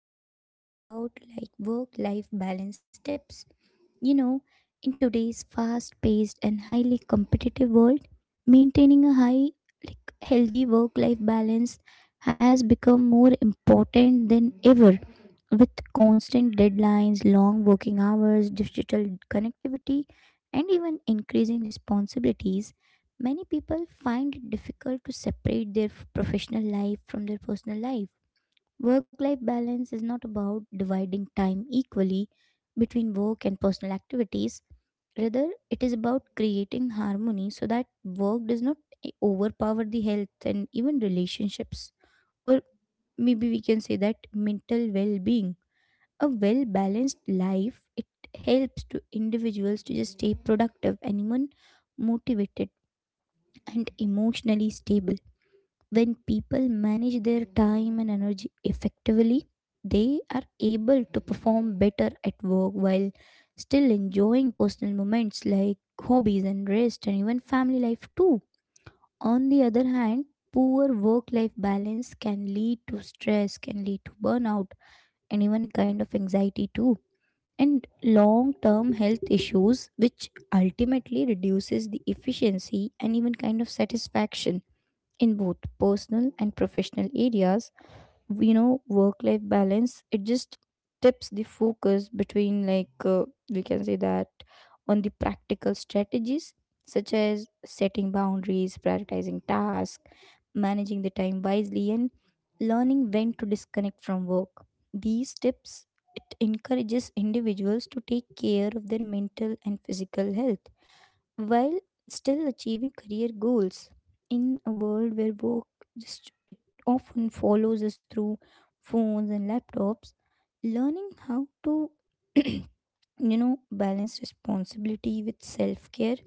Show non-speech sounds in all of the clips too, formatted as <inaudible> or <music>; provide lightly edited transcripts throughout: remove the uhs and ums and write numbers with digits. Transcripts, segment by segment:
going to talk about work life balance tips. You know, in today's fast-paced and highly competitive world, maintaining a high, like healthy work-life balance has become more important than ever. With constant deadlines, long working hours, digital connectivity, and even increasing responsibilities, many people find it difficult to separate their professional life from their personal life. Work life balance is not about dividing time equally between work and personal activities. Rather, it is about creating harmony so that work does not overpower the health and even relationships. Or maybe we can say that mental well being. A well balanced life, it helps to individuals to just stay productive and even motivated and emotionally stable. When people manage their time and energy effectively, they are able to perform better at work while still enjoying personal moments like hobbies and rest and even family life too. On the other hand, poor work life balance can lead to stress, can lead to burnout, and even a kind of anxiety too. And long term health issues, which ultimately reduces the efficiency and even kind of satisfaction in both personal and professional areas. You know, work life balance it just tips the focus between we can say that on the practical strategies such as setting boundaries, prioritizing tasks, managing the time wisely, and learning when to disconnect from work. These tips, it encourages individuals to take care of their mental and physical health while still achieving career goals. In a world where work just it often follows us through phones and laptops, learning how to <clears throat> you balance responsibility with self-care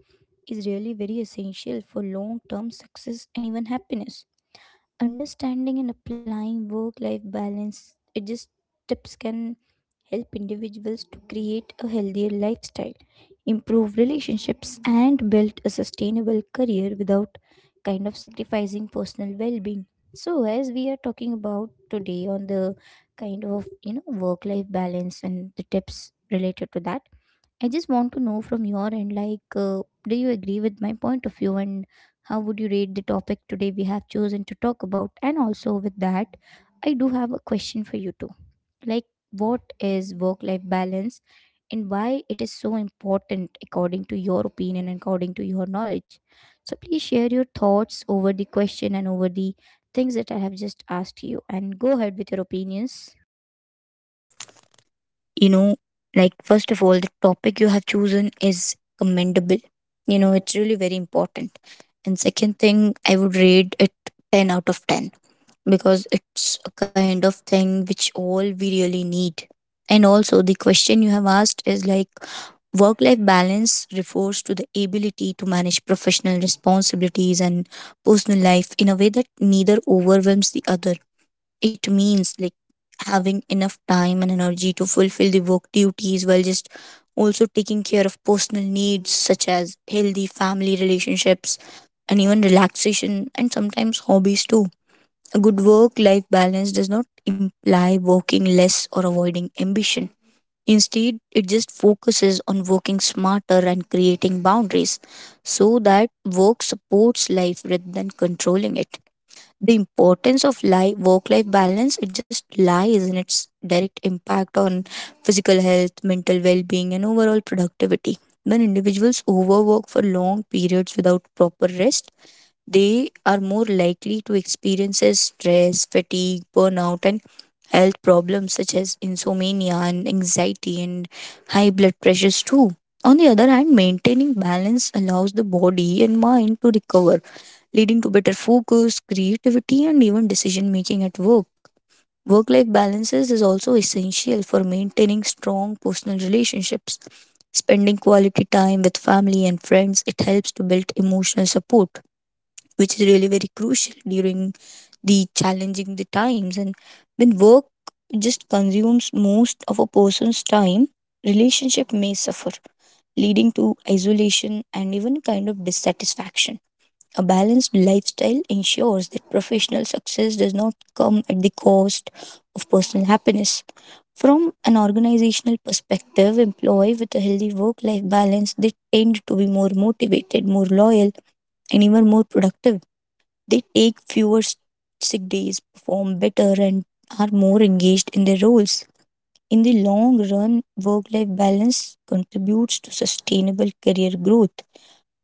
is really very essential for long-term success and even happiness. Understanding and applying work-life balance it just tips can help individuals to create a healthier lifestyle, improve relationships, and build a sustainable career without kind of sacrificing personal well being. So, as we are talking about today on the work life balance and the tips related to that, I just want to know from your end do you agree with my point of view, and how would you rate the topic today we have chosen to talk about? And also, with that, I do have a question for you too, like, what is work life balance and why it is so important according to your opinion and according to your knowledge? So please share your thoughts over the question and over the things that I have just asked you, and go ahead with your opinions. you know first of all, the topic you have chosen is commendable. You know, it's really very important. And second thing, I would rate it 10 out of 10, because it's a kind of thing which all we really need. And also the question you have asked is work life balance refers to the ability to manage professional responsibilities and personal life in a way that neither overwhelms the other. It means having enough time and energy to fulfill the work duties, while just also taking care of personal needs such as healthy family relationships, and even relaxation, and sometimes hobbies too. A good work life balance does not imply working less or avoiding ambition. Instead, it just focuses on working smarter and creating boundaries, so that work supports life rather than controlling it. The importance of life, work life balance, it just lies in its direct impact on physical health, mental well-being, and overall productivity. When individuals overwork for long periods without proper rest, they are more likely to experience stress, fatigue, burnout, and health problems such as insomnia, and anxiety, and high blood pressures too. On the other hand, maintaining balance allows the body and mind to recover, leading to better focus, creativity, and even decision making at work. Work life balances is also essential for maintaining strong personal relationships. Spending quality time with family and friends, it helps to build emotional support, which is really very crucial during the challenging the times. And when work just consumes most of a person's time, relationship may suffer, leading to isolation and even kind of dissatisfaction. A balanced lifestyle ensures that professional success does not come at the cost of personal happiness. From an organizational perspective, employees with a healthy work life balance, they tend to be more motivated, more loyal, and even more productive. They take fewer sick days, perform better, and are more engaged in their roles. In the long run, work life balance contributes to sustainable career growth,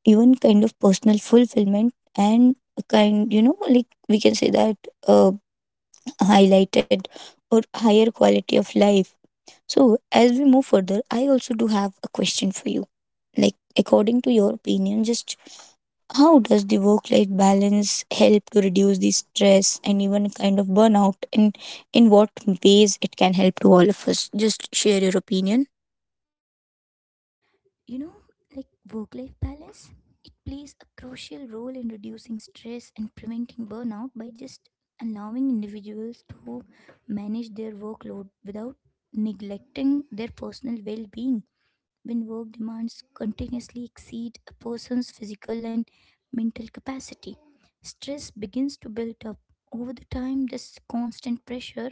even kind of personal fulfillment, and a kind, you know, like we can say that uh, highlighted or higher quality of life. So, as we move further, I also do have a question for you. Like, according to your opinion, just how does the work life balance help to reduce the stress and even kind of burnout? And in what ways it can help to all of us? Just share your opinion. You know, like work life balance, it plays a crucial role in reducing stress and preventing burnout by just allowing individuals to manage their workload without neglecting their personal well being. When work demands continuously exceed a person's physical and mental capacity, stress begins to build up. Over the time, this constant pressure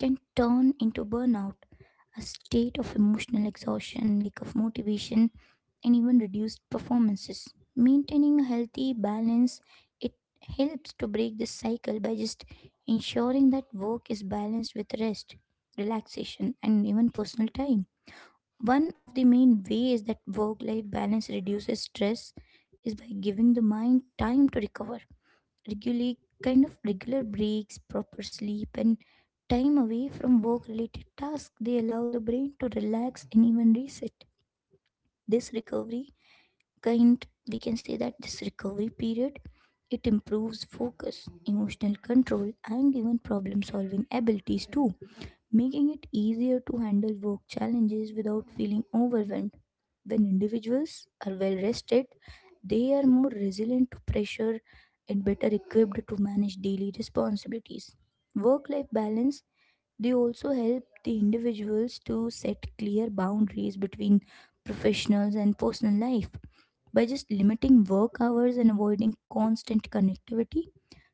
can turn into burnout, a state of emotional exhaustion, lack of motivation, and even reduced performances. Maintaining a healthy balance, it helps to break this cycle by just ensuring that work is balanced with rest, relaxation, and even personal time. One of the main ways that work life balance reduces stress is by giving the mind time to recover. Regularly, kind of regular breaks, proper sleep, and time away from work related tasks, they allow the brain to relax and even reset. This recovery kind we can say that this recovery period, it improves focus, emotional control, and even problem solving abilities too, making it easier to handle work challenges without feeling overwhelmed. When individuals are well rested, they are more resilient to pressure and better equipped to manage daily responsibilities. Work life balance, they also help the individuals to set clear boundaries between professionals and personal life. By just limiting work hours and avoiding constant connectivity,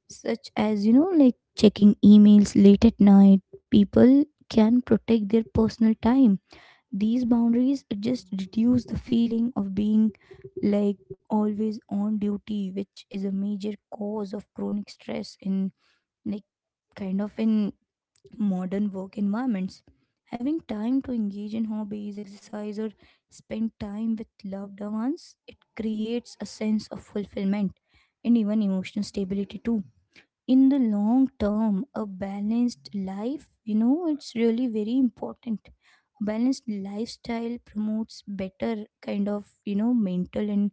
such as checking emails late at night, people can protect their personal time. These boundaries just reduce the feeling of being like always on duty, which is a major cause of chronic stress in like kind of in modern work environments. Having time to engage in hobbies, exercise, or spend time with loved ones, it creates a sense of fulfillment and even emotional stability too. In the long term, a balanced life, it's really very important. A balanced lifestyle promotes better mental and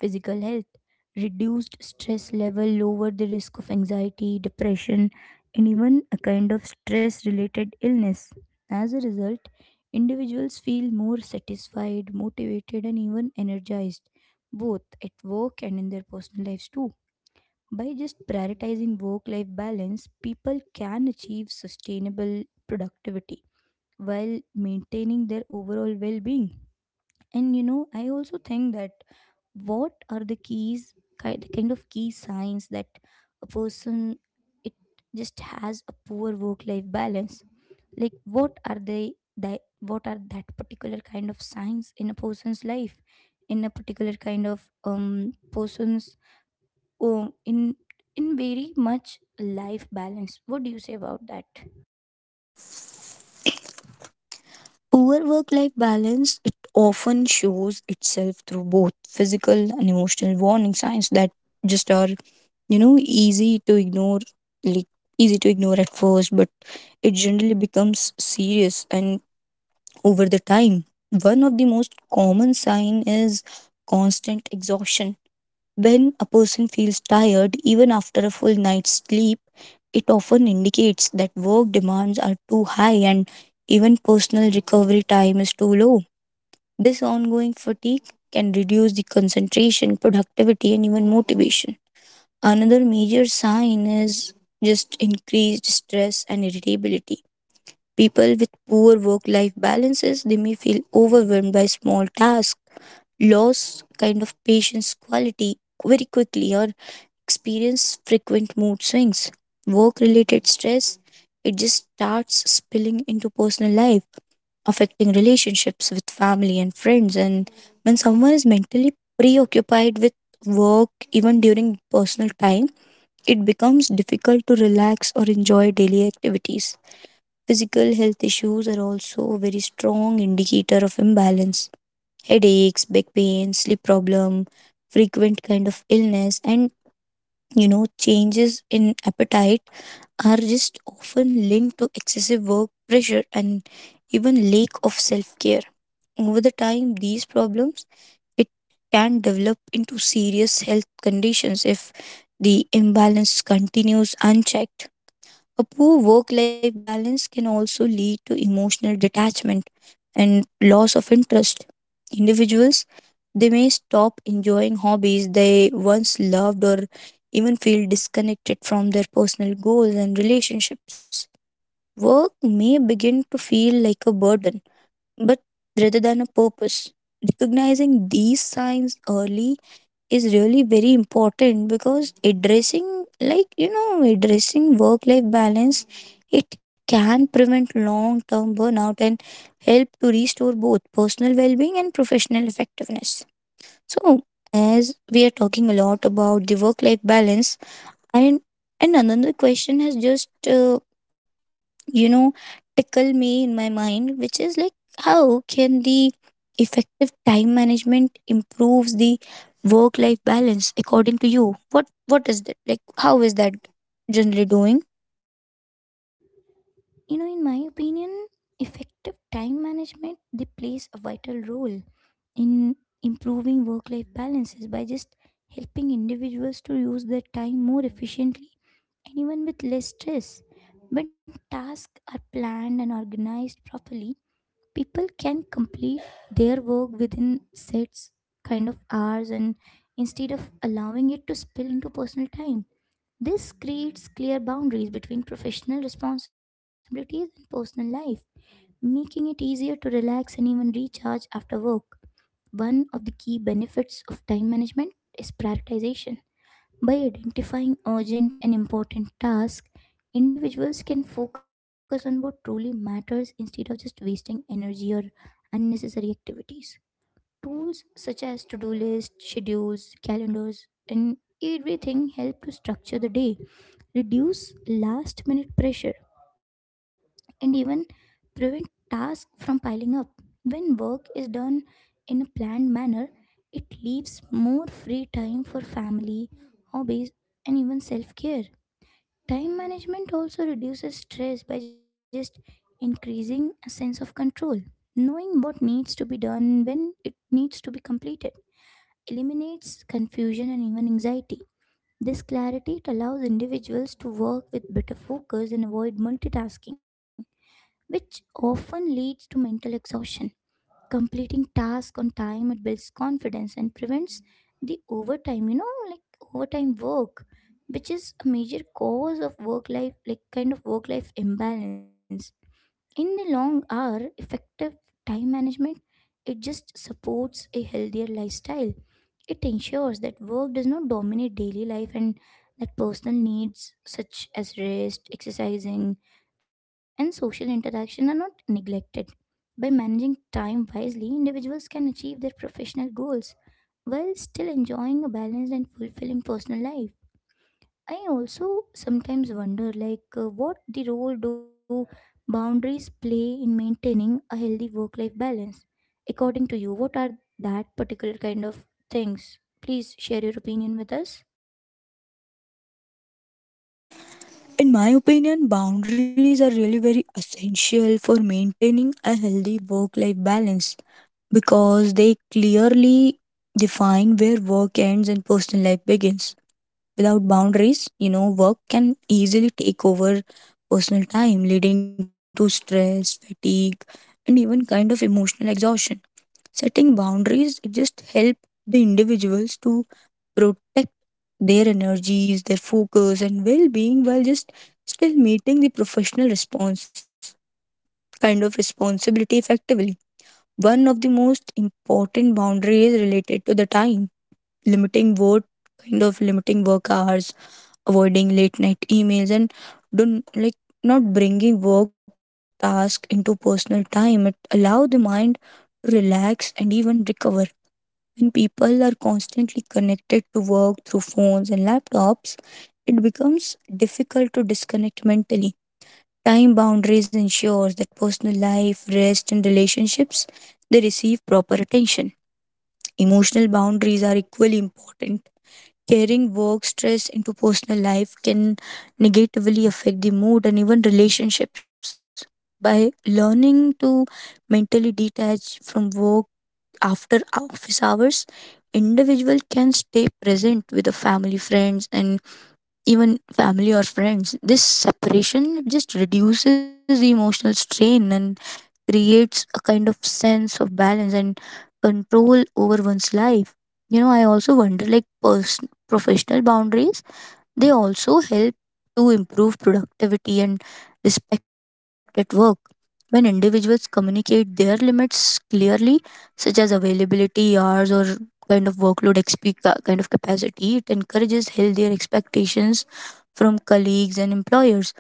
physical health. Reduced stress level lower the risk of anxiety, depression, and even a kind of stress related illness. As a result, individuals feel more satisfied, motivated, and even energized, both at work and in their personal lives too. By just prioritizing work life balance, people can achieve sustainable productivity while maintaining their overall well being. And you know, I also think that, what are the keys, the kind of key signs that a person it just has a poor work life balance? Like, what are they, that what are that particular kind of signs in a person's life, in a particular kind of person's oh in in very much life balance, what do you say about that? Poor work life balance, it often shows itself through both physical and emotional warning signs that just are, you know, easy to ignore, like easy to ignore at first, but it generally becomes serious and over the time. One of the most common sign is constant exhaustion. When a person feels tired even after a full night's sleep, it often indicates that work demands are too high and even personal recovery time is too low. This ongoing fatigue can reduce the concentration, productivity, and even motivation. Another major sign is just increased stress and irritability. People with poor work life balances, they may feel overwhelmed by small tasks, lost kind of patience quality very quickly, or experience frequent mood swings. Work related stress, it just starts spilling into personal life, affecting relationships with family and friends. And when someone is mentally preoccupied with work, even during personal time, it becomes difficult to relax or enjoy daily activities. Physical health issues are also a very strong indicator of imbalance: headaches, back pain, sleep problem, frequent kind of illness, and you know, changes in appetite are just often linked to excessive work pressure and even lack of self-care. Over the time, these problems it can develop into serious health conditions if the imbalance continues unchecked. A poor work life balance can also lead to emotional detachment and loss of interest. Individuals, they may stop enjoying hobbies they once loved, or even feel disconnected from their personal goals and relationships. Work may begin to feel like a burden, but rather than a purpose. Recognizing these signs early is really very important, because addressing like, you know, addressing work life balance, it can prevent long term burnout and help to restore both personal well-being and professional effectiveness. So, as we are talking a lot about the work life balance, and and another question has just you know, tickle me in my mind, which is like, how can the effective time management improves the work life balance, according to you? What is that? Like, how is that generally doing? In my opinion, effective time management, they plays a vital role in improving work life balances by just helping individuals to use their time more efficiently and even with less stress. When tasks are planned and organized properly, people can complete their work within sets kind of hours, and instead of allowing it to spill into personal time. This creates clear boundaries between professional responsibilities and personal life, making it easier to relax and even recharge after work. One of the key benefits of time management is prioritization. By identifying urgent and important tasks, individuals can focus on what truly matters instead of just wasting energy or unnecessary activities. Tools such as to do lists, schedules, calendars, and everything help to structure the day, reduce last minute pressure, and even prevent tasks from piling up. When work is done in a planned manner, it leaves more free time for family, hobbies, and even self care. Time management also reduces stress by just increasing a sense of control. Knowing what needs to be done, when it needs to be completed, eliminates confusion and even anxiety. This clarity, it allows individuals to work with better focus and avoid multitasking, which often leads to mental exhaustion. Completing task on time, it builds confidence and prevents the overtime, overtime work, which is a major cause of work life like kind of work life imbalance. In the long hour, effective time management, it just supports a healthier lifestyle. It ensures that work does not dominate daily life and that personal needs such as rest, exercising, and social interaction are not neglected. By managing time wisely, individuals can achieve their professional goals while still enjoying a balanced and fulfilling personal life. I also sometimes wonder what the role do boundaries play in maintaining a healthy work life balance? According to you, what are that particular kind of things? Please share your opinion with us. In my opinion, boundaries are really very essential for maintaining a healthy work life balance, because they clearly define where work ends and personal life begins. Without boundaries, you know, work can easily take over personal time, leading to stress, fatigue, and even kind of emotional exhaustion. Setting boundaries, it just help the individuals to protect their energies, their focus, and well being, while just still meeting the professional response kind of responsibility effectively. One of the most important boundaries related to the time: limiting work kind of limiting work hours, avoiding late night emails, and don't like not bringing work task into personal time, it allow the mind to relax and even recover. When people are constantly connected to work through phones and laptops, it becomes difficult to disconnect mentally. Time boundaries ensures that personal life, rest, and relationships, they receive proper attention. Emotional boundaries are equally important. Carrying work stress into personal life can negatively affect the mood and even relationships. By learning to mentally detach from work after office hours, individual can stay present with the family, friends, and even family or friends. This separation just reduces the emotional strain and creates a kind of sense of balance and control over one's life. You know, I also wonder like person professional boundaries, they also help to improve productivity and respect at work. When individuals communicate their limits clearly, such as availability, hours, or kind of workload, kind of capacity, it encourages healthier expectations from colleagues and employers.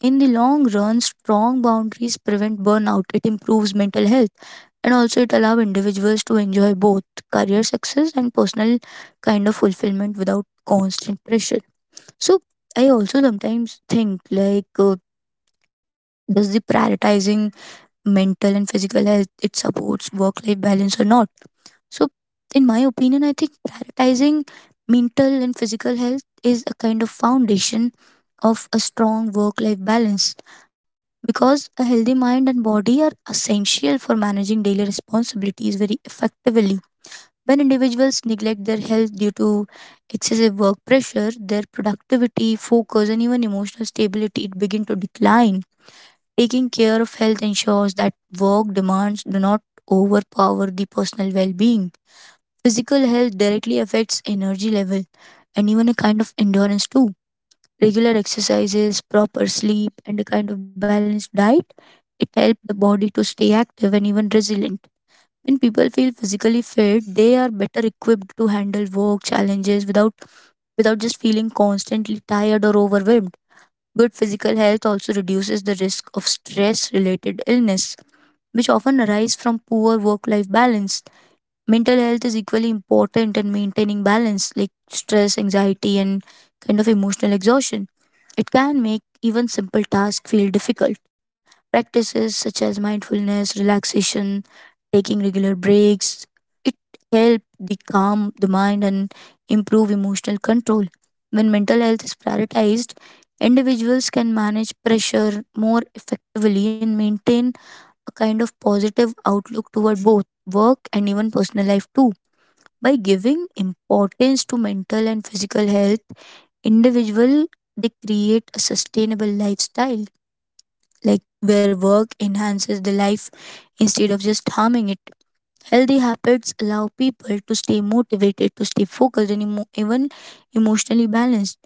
In the long run, strong boundaries prevent burnout, it improves mental health, and also it allows individuals to enjoy both career success and personal kind of fulfillment without constant pressure. So, I also sometimes think like, does the prioritizing mental and physical health it supports work life balance or not? So, in my opinion, I think prioritizing mental and physical health is a kind of foundation of a strong work life balance, because a healthy mind and body are essential for managing daily responsibilities very effectively. When individuals neglect their health due to excessive work pressure, their productivity, focus, and even emotional stability, it begin to decline. Taking care of health ensures that work demands do not overpower the personal well-being. Physical health directly affects energy level and even a kind of endurance too. Regular exercises, proper sleep, and a kind of balanced diet, it helps the body to stay active and even resilient. When people feel physically fit, they are better equipped to handle work challenges without just feeling constantly tired or overwhelmed. Good physical health also reduces the risk of stress related illness, which often arise from poor work life balance. Mental health is equally important in maintaining balance, like stress, anxiety, and kind of emotional exhaustion. It can make even simple tasks feel difficult. Practices such as mindfulness, relaxation, taking regular breaks, it help the calm the mind and improve emotional control. When mental health is prioritized, individuals can manage pressure more effectively and maintain a kind of positive outlook toward both work and even personal life too. By giving importance to mental and physical health, individual, they create a sustainable lifestyle, like where work enhances the life instead of just harming it. Healthy habits allow people to stay motivated, to stay focused, and even emotionally balanced,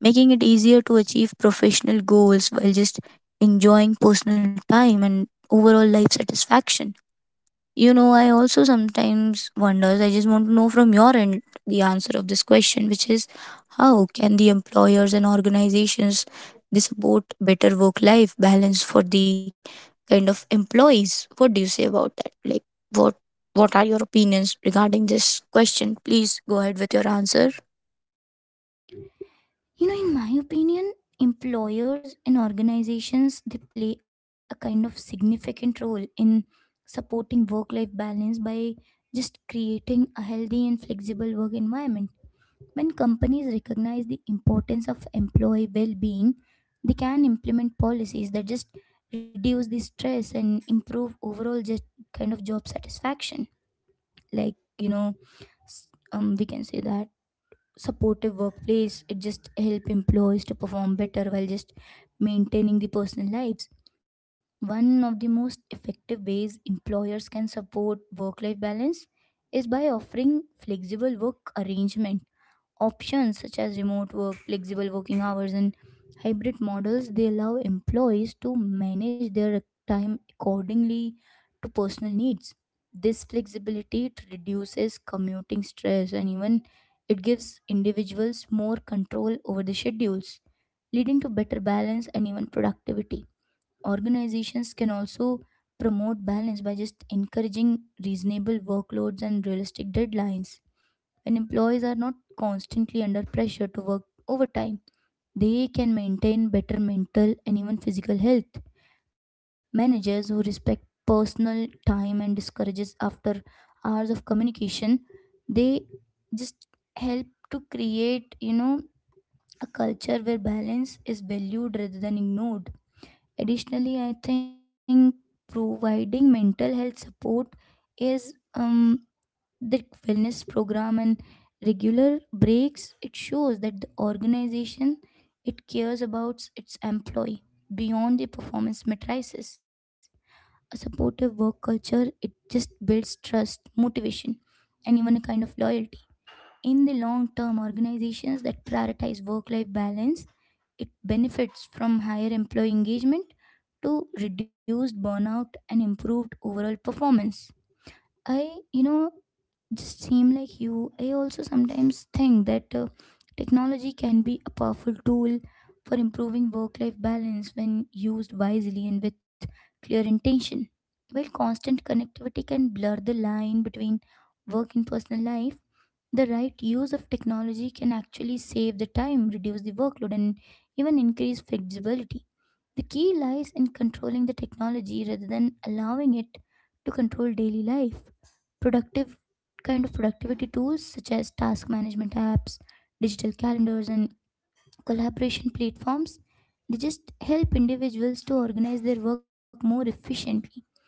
making it easier to achieve professional goals while just enjoying personal time and overall life satisfaction. You know, I also sometimes wonders, I just want to know from your end the answer of this question, which is how can the employers and organizations, they support better work life balance for the kind of employees? What do you say about that? Like, what what are your opinions regarding this question? Please go ahead with your answer. You know, in my opinion, employers and organizations, they play a kind of significant role in supporting work-life balance by just creating a healthy and flexible work environment. When companies recognize the importance of employee well-being, they can implement policies that just reduce the stress and improve overall just kind of job satisfaction. Like you know, s- we can say that supportive workplace, it just help employees to perform better while just maintaining the personal lives. One of the most effective ways employers can support work life balance is by offering flexible work arrangements. Options such as remote work, flexible working hours, and hybrid models, they allow employees to manage their time accordingly to personal needs. This flexibility, it reduces commuting stress, and even it gives individuals more control over the schedules, leading to better balance and even productivity. Organizations can also promote balance by just encouraging reasonable workloads and realistic deadlines. When employees are not constantly under pressure to work overtime, they can maintain better mental and even physical health. Managers who respect personal time and discourages after hours of communication, they just help to create, you know, a culture where balance is valued rather than ignored. Additionally, I think providing mental health support is um the wellness program and regular breaks, it shows that the organization it cares about its employee beyond the performance matrices. A supportive work culture, it just builds trust, motivation, and even a kind of loyalty in the long term. Organizations that prioritize work life balance, it benefits from higher employee engagement to reduced burnout and improved overall performance. I just same like you, I also sometimes think that technology can be a powerful tool for improving work life balance when used wisely and with clear intention. While constant connectivity can blur the line between work and personal life, the right use of technology can actually save the time, reduce the workload, and even increase flexibility. The key lies in controlling the technology rather than allowing it to control daily life. Productive kind of productivity tools such as task management apps, digital calendars, and collaboration platforms, they just help individuals to organize their work more efficiently.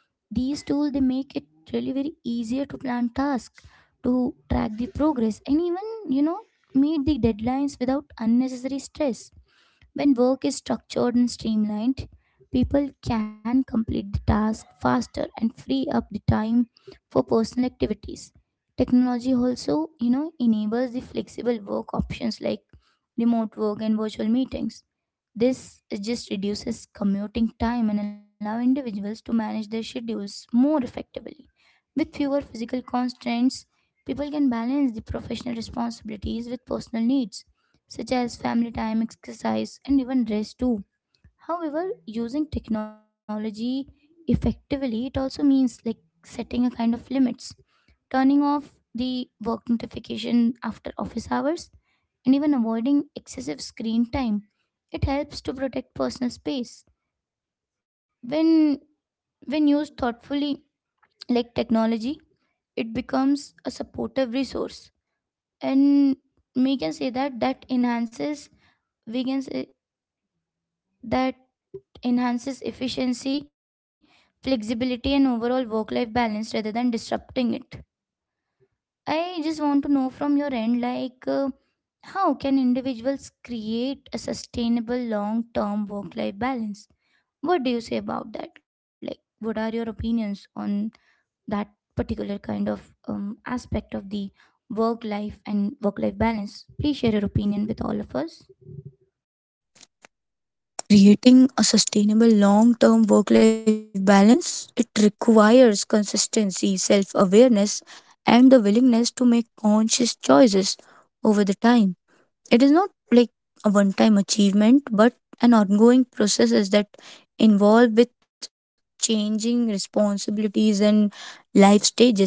These tools, they make it really very easier to plan tasks, to track the progress, and even, you know, meet the deadlines without unnecessary stress. When work is structured and streamlined, people can complete the task faster and free up the time for personal activities. Technology also, you know, enables the flexible work options like remote work and virtual meetings. This just reduces commuting time and allow individuals to manage their schedules more effectively. With fewer physical constraints, people can balance the professional responsibilities with personal needs, such as family time, exercise, and even rest too. However, using technology effectively, it also means like setting a kind of limits, turning off the work notification after office hours, and even avoiding excessive screen time, it helps to protect personal space. When when used thoughtfully, like, technology, it becomes a supportive resource, and we can say that that enhances we can say that enhances efficiency, flexibility, and overall work life balance rather than disrupting it. I just want to know from your end, like, how can individuals create a sustainable long term work life balance? What do you say about that? Like, what are your opinions on that particular kind of aspect of the work life and work life balance? Please share your opinion with all of us. Creating a sustainable long term work life balance, it requires consistency, self awareness, and the willingness to make conscious choices over the time. It is not like a one time achievement, but an ongoing process is that involved with changing responsibilities and life stages.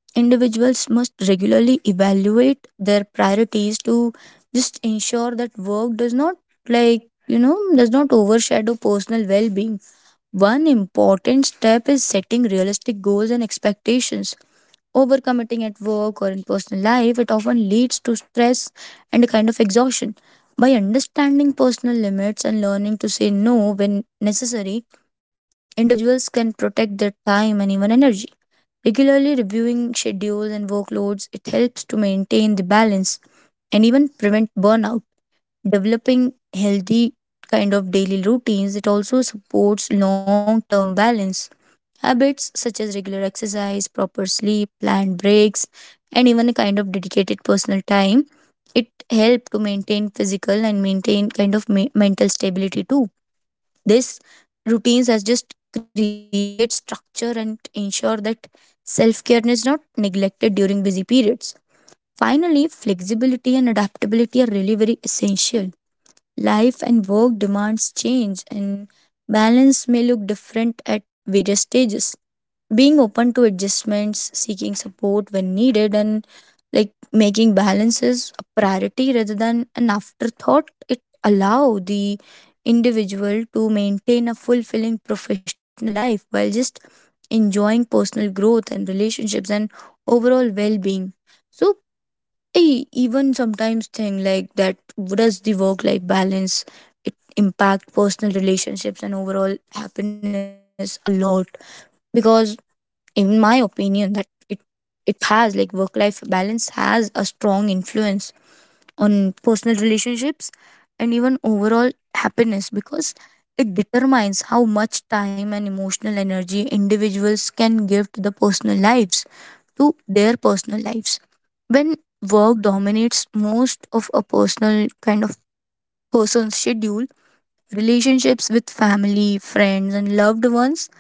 Individuals must regularly evaluate their priorities to just ensure that work does not like, you know, does not overshadow personal well-being. One important step is setting realistic goals and expectations. Overcommitting at work or in personal life, it often leads to stress and a kind of exhaustion. By understanding personal limits and learning to say no when necessary, individuals can protect their time and even energy. Regularly reviewing schedules and workloads, it helps to maintain the balance and even prevent burnout. Developing healthy kind of daily routines, it also supports long term balance. Habits such as regular exercise, proper sleep, planned breaks, and even a kind of dedicated personal time, it help to maintain physical and maintain mental stability too. This routines has just create structure and ensure that self-care is not neglected during busy periods. Finally, flexibility and adaptability are really very essential. Life and work demands change, and balance may look different at various stages. Being open to adjustments, seeking support when needed, and like making balances a priority rather than an afterthought, it allow the individual to maintain a fulfilling professional life while just enjoying personal growth and relationships and overall well-being. So I even sometimes think like that does the work life balance it impact personal relationships and overall happiness a lot, because in my opinion that it it has like work life balance has a strong influence on personal relationships and even overall happiness, because it determines how much time and emotional energy individuals can give to the personal lives, to their personal lives, when work dominates most of a personal kind of person's schedule, relationships with family friends and loved ones,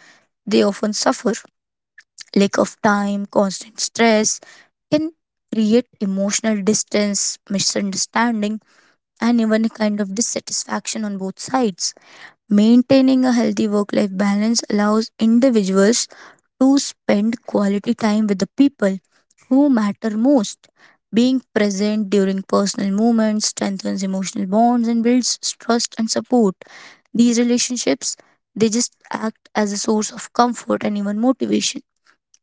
they often suffer lack of time, constant stress can create emotional distance, misunderstanding, and even a kind of dissatisfaction on both sides. Maintaining a healthy work life balance allows individuals to spend quality time with the people who matter most. Being present during personal moments strengthens emotional bonds and builds trust and support. These relationships, they just act as a source of comfort and even motivation,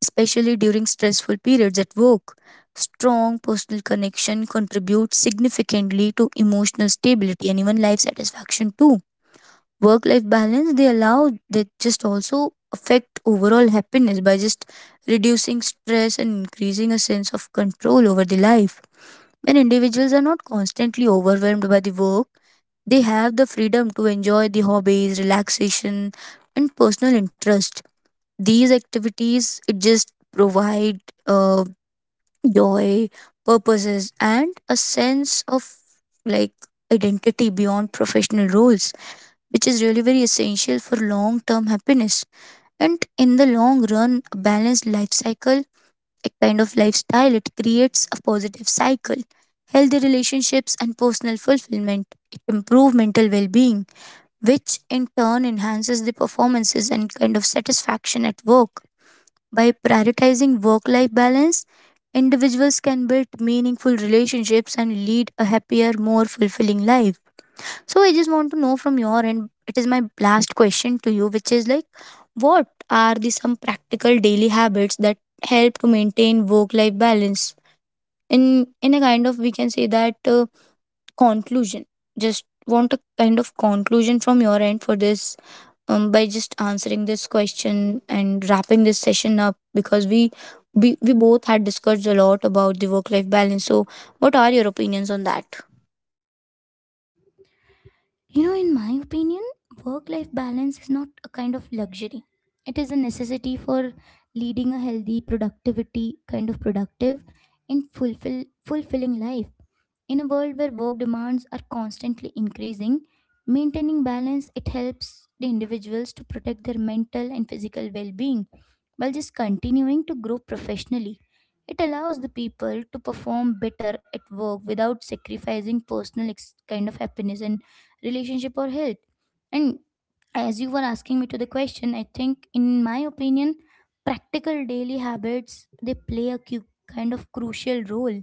especially during stressful periods at work. Strong personal connection contributes significantly to emotional stability and even life satisfaction too. Work life balance they allow they just also affect overall happiness by just reducing stress and increasing a sense of control over the life. When individuals are not constantly overwhelmed by the work, they have the freedom to enjoy the hobbies, relaxation, and personal interest, these activities it just provide uh, joy, purposes, and a sense of like identity beyond professional roles, which is really very essential for long term happiness. And in the long run a balanced life cycle, a kind of lifestyle, it creates a positive cycle. Healthy relationships and personal fulfillment it improves mental well-being, which in turn enhances the performances and kind of satisfaction at work. By prioritizing work life balance, individuals can build meaningful relationships and lead a happier, more fulfilling life. So, I just want to know from your end, it is my last question to you, which is like, what are the some practical daily habits that help to maintain work life balance? In a kind of, we can say that conclusion. Just want a kind of conclusion from your end for this, by just answering this question and wrapping this session up, because we both had discussed a lot about the work life balance. So, what are your opinions on that? You know, in my opinion, work life balance is not a kind of luxury. It is a necessity for leading a healthy productivity kind of productive and fulfilling life. In a world where work demands are constantly increasing, maintaining balance, it helps the individuals to protect their mental and physical well-being while just continuing to grow professionally. It allows the people to perform better at work without sacrificing personal ex- kind of happiness and relationship or health. And as you were asking me to the question, I think in my opinion, practical daily habits, they play a crucial role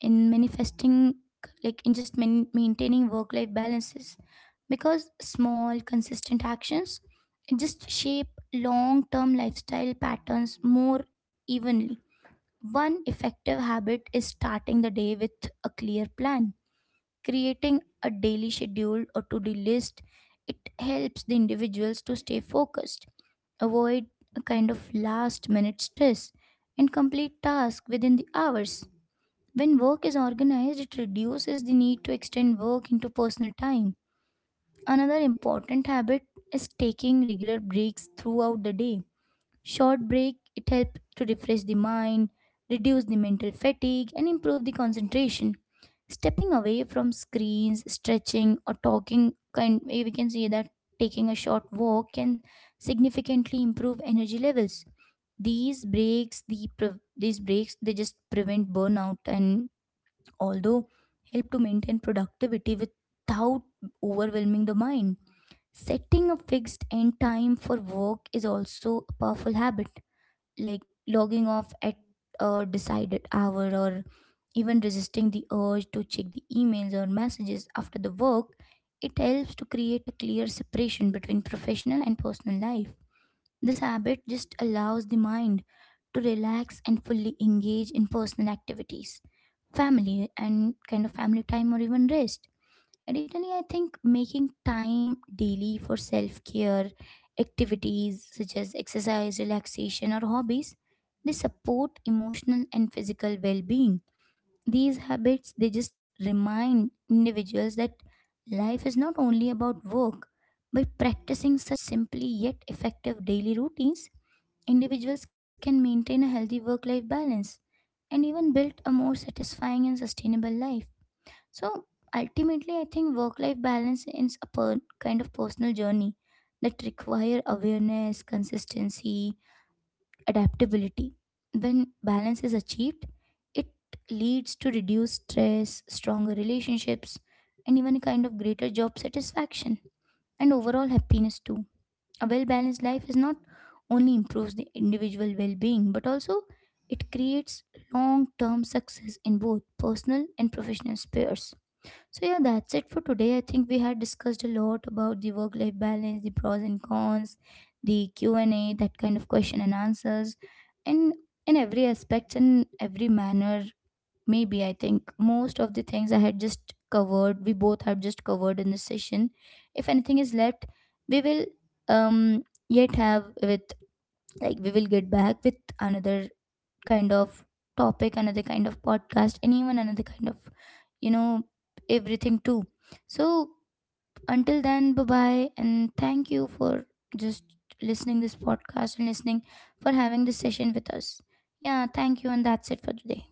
in manifesting, maintaining work life balances, because small consistent actions just shape long term lifestyle patterns more evenly. One effective habit is starting the day with a clear plan. Creating a daily schedule or to-do list, it helps the individuals to stay focused, avoid a kind of last minute stress, and complete tasks within the hours. When work is organized, it reduces the need to extend work into personal time. Another important habit is taking regular breaks throughout the day. Short break, it helps to refresh the mind, reduce the mental fatigue, and improve the concentration. Stepping away from screens, stretching, or talking, can, we can say that, taking a short walk can significantly improve energy levels. These breaks, they just prevent burnout and although help to maintain productivity without overwhelming the mind. Setting a fixed end time for work is also a powerful habit, like logging off at a decided hour, or even resisting the urge to check the emails or messages after the work. It helps to create a clear separation between professional and personal life. This habit just allows the mind to relax and fully engage in personal activities, family, and kind of family time or even rest. Additionally, I think making time daily for self care activities such as exercise, relaxation, or hobbies, they support emotional and physical well being. These habits, they just remind individuals that life is not only about work. By practicing such simply yet effective daily routines, individuals can maintain a healthy work life balance and even build a more satisfying and sustainable life. So, ultimately, I think work life balance is a personal journey that require awareness, consistency, adaptability. When balance is achieved, it leads to reduced stress, stronger relationships, and even a kind of greater job satisfaction and overall happiness too. A well balanced life is not only improves the individual well being, but also it creates long term success in both personal and professional spheres. So, yeah, that's it for today. I think we had discussed a lot about the work life balance, the pros and cons, the Q&A, that kind of question and answers, and in every aspect and every manner. Maybe I think most of the things I had just covered, we both have just covered in this session. If anything is left, we will yet have with, like, we will get back with another kind of topic, another kind of podcast, and even another kind of, you know, everything too. So until then, bye bye, and thank you for just listening this podcast and listening for having this session with us. Yeah, thank you, and that's it for today.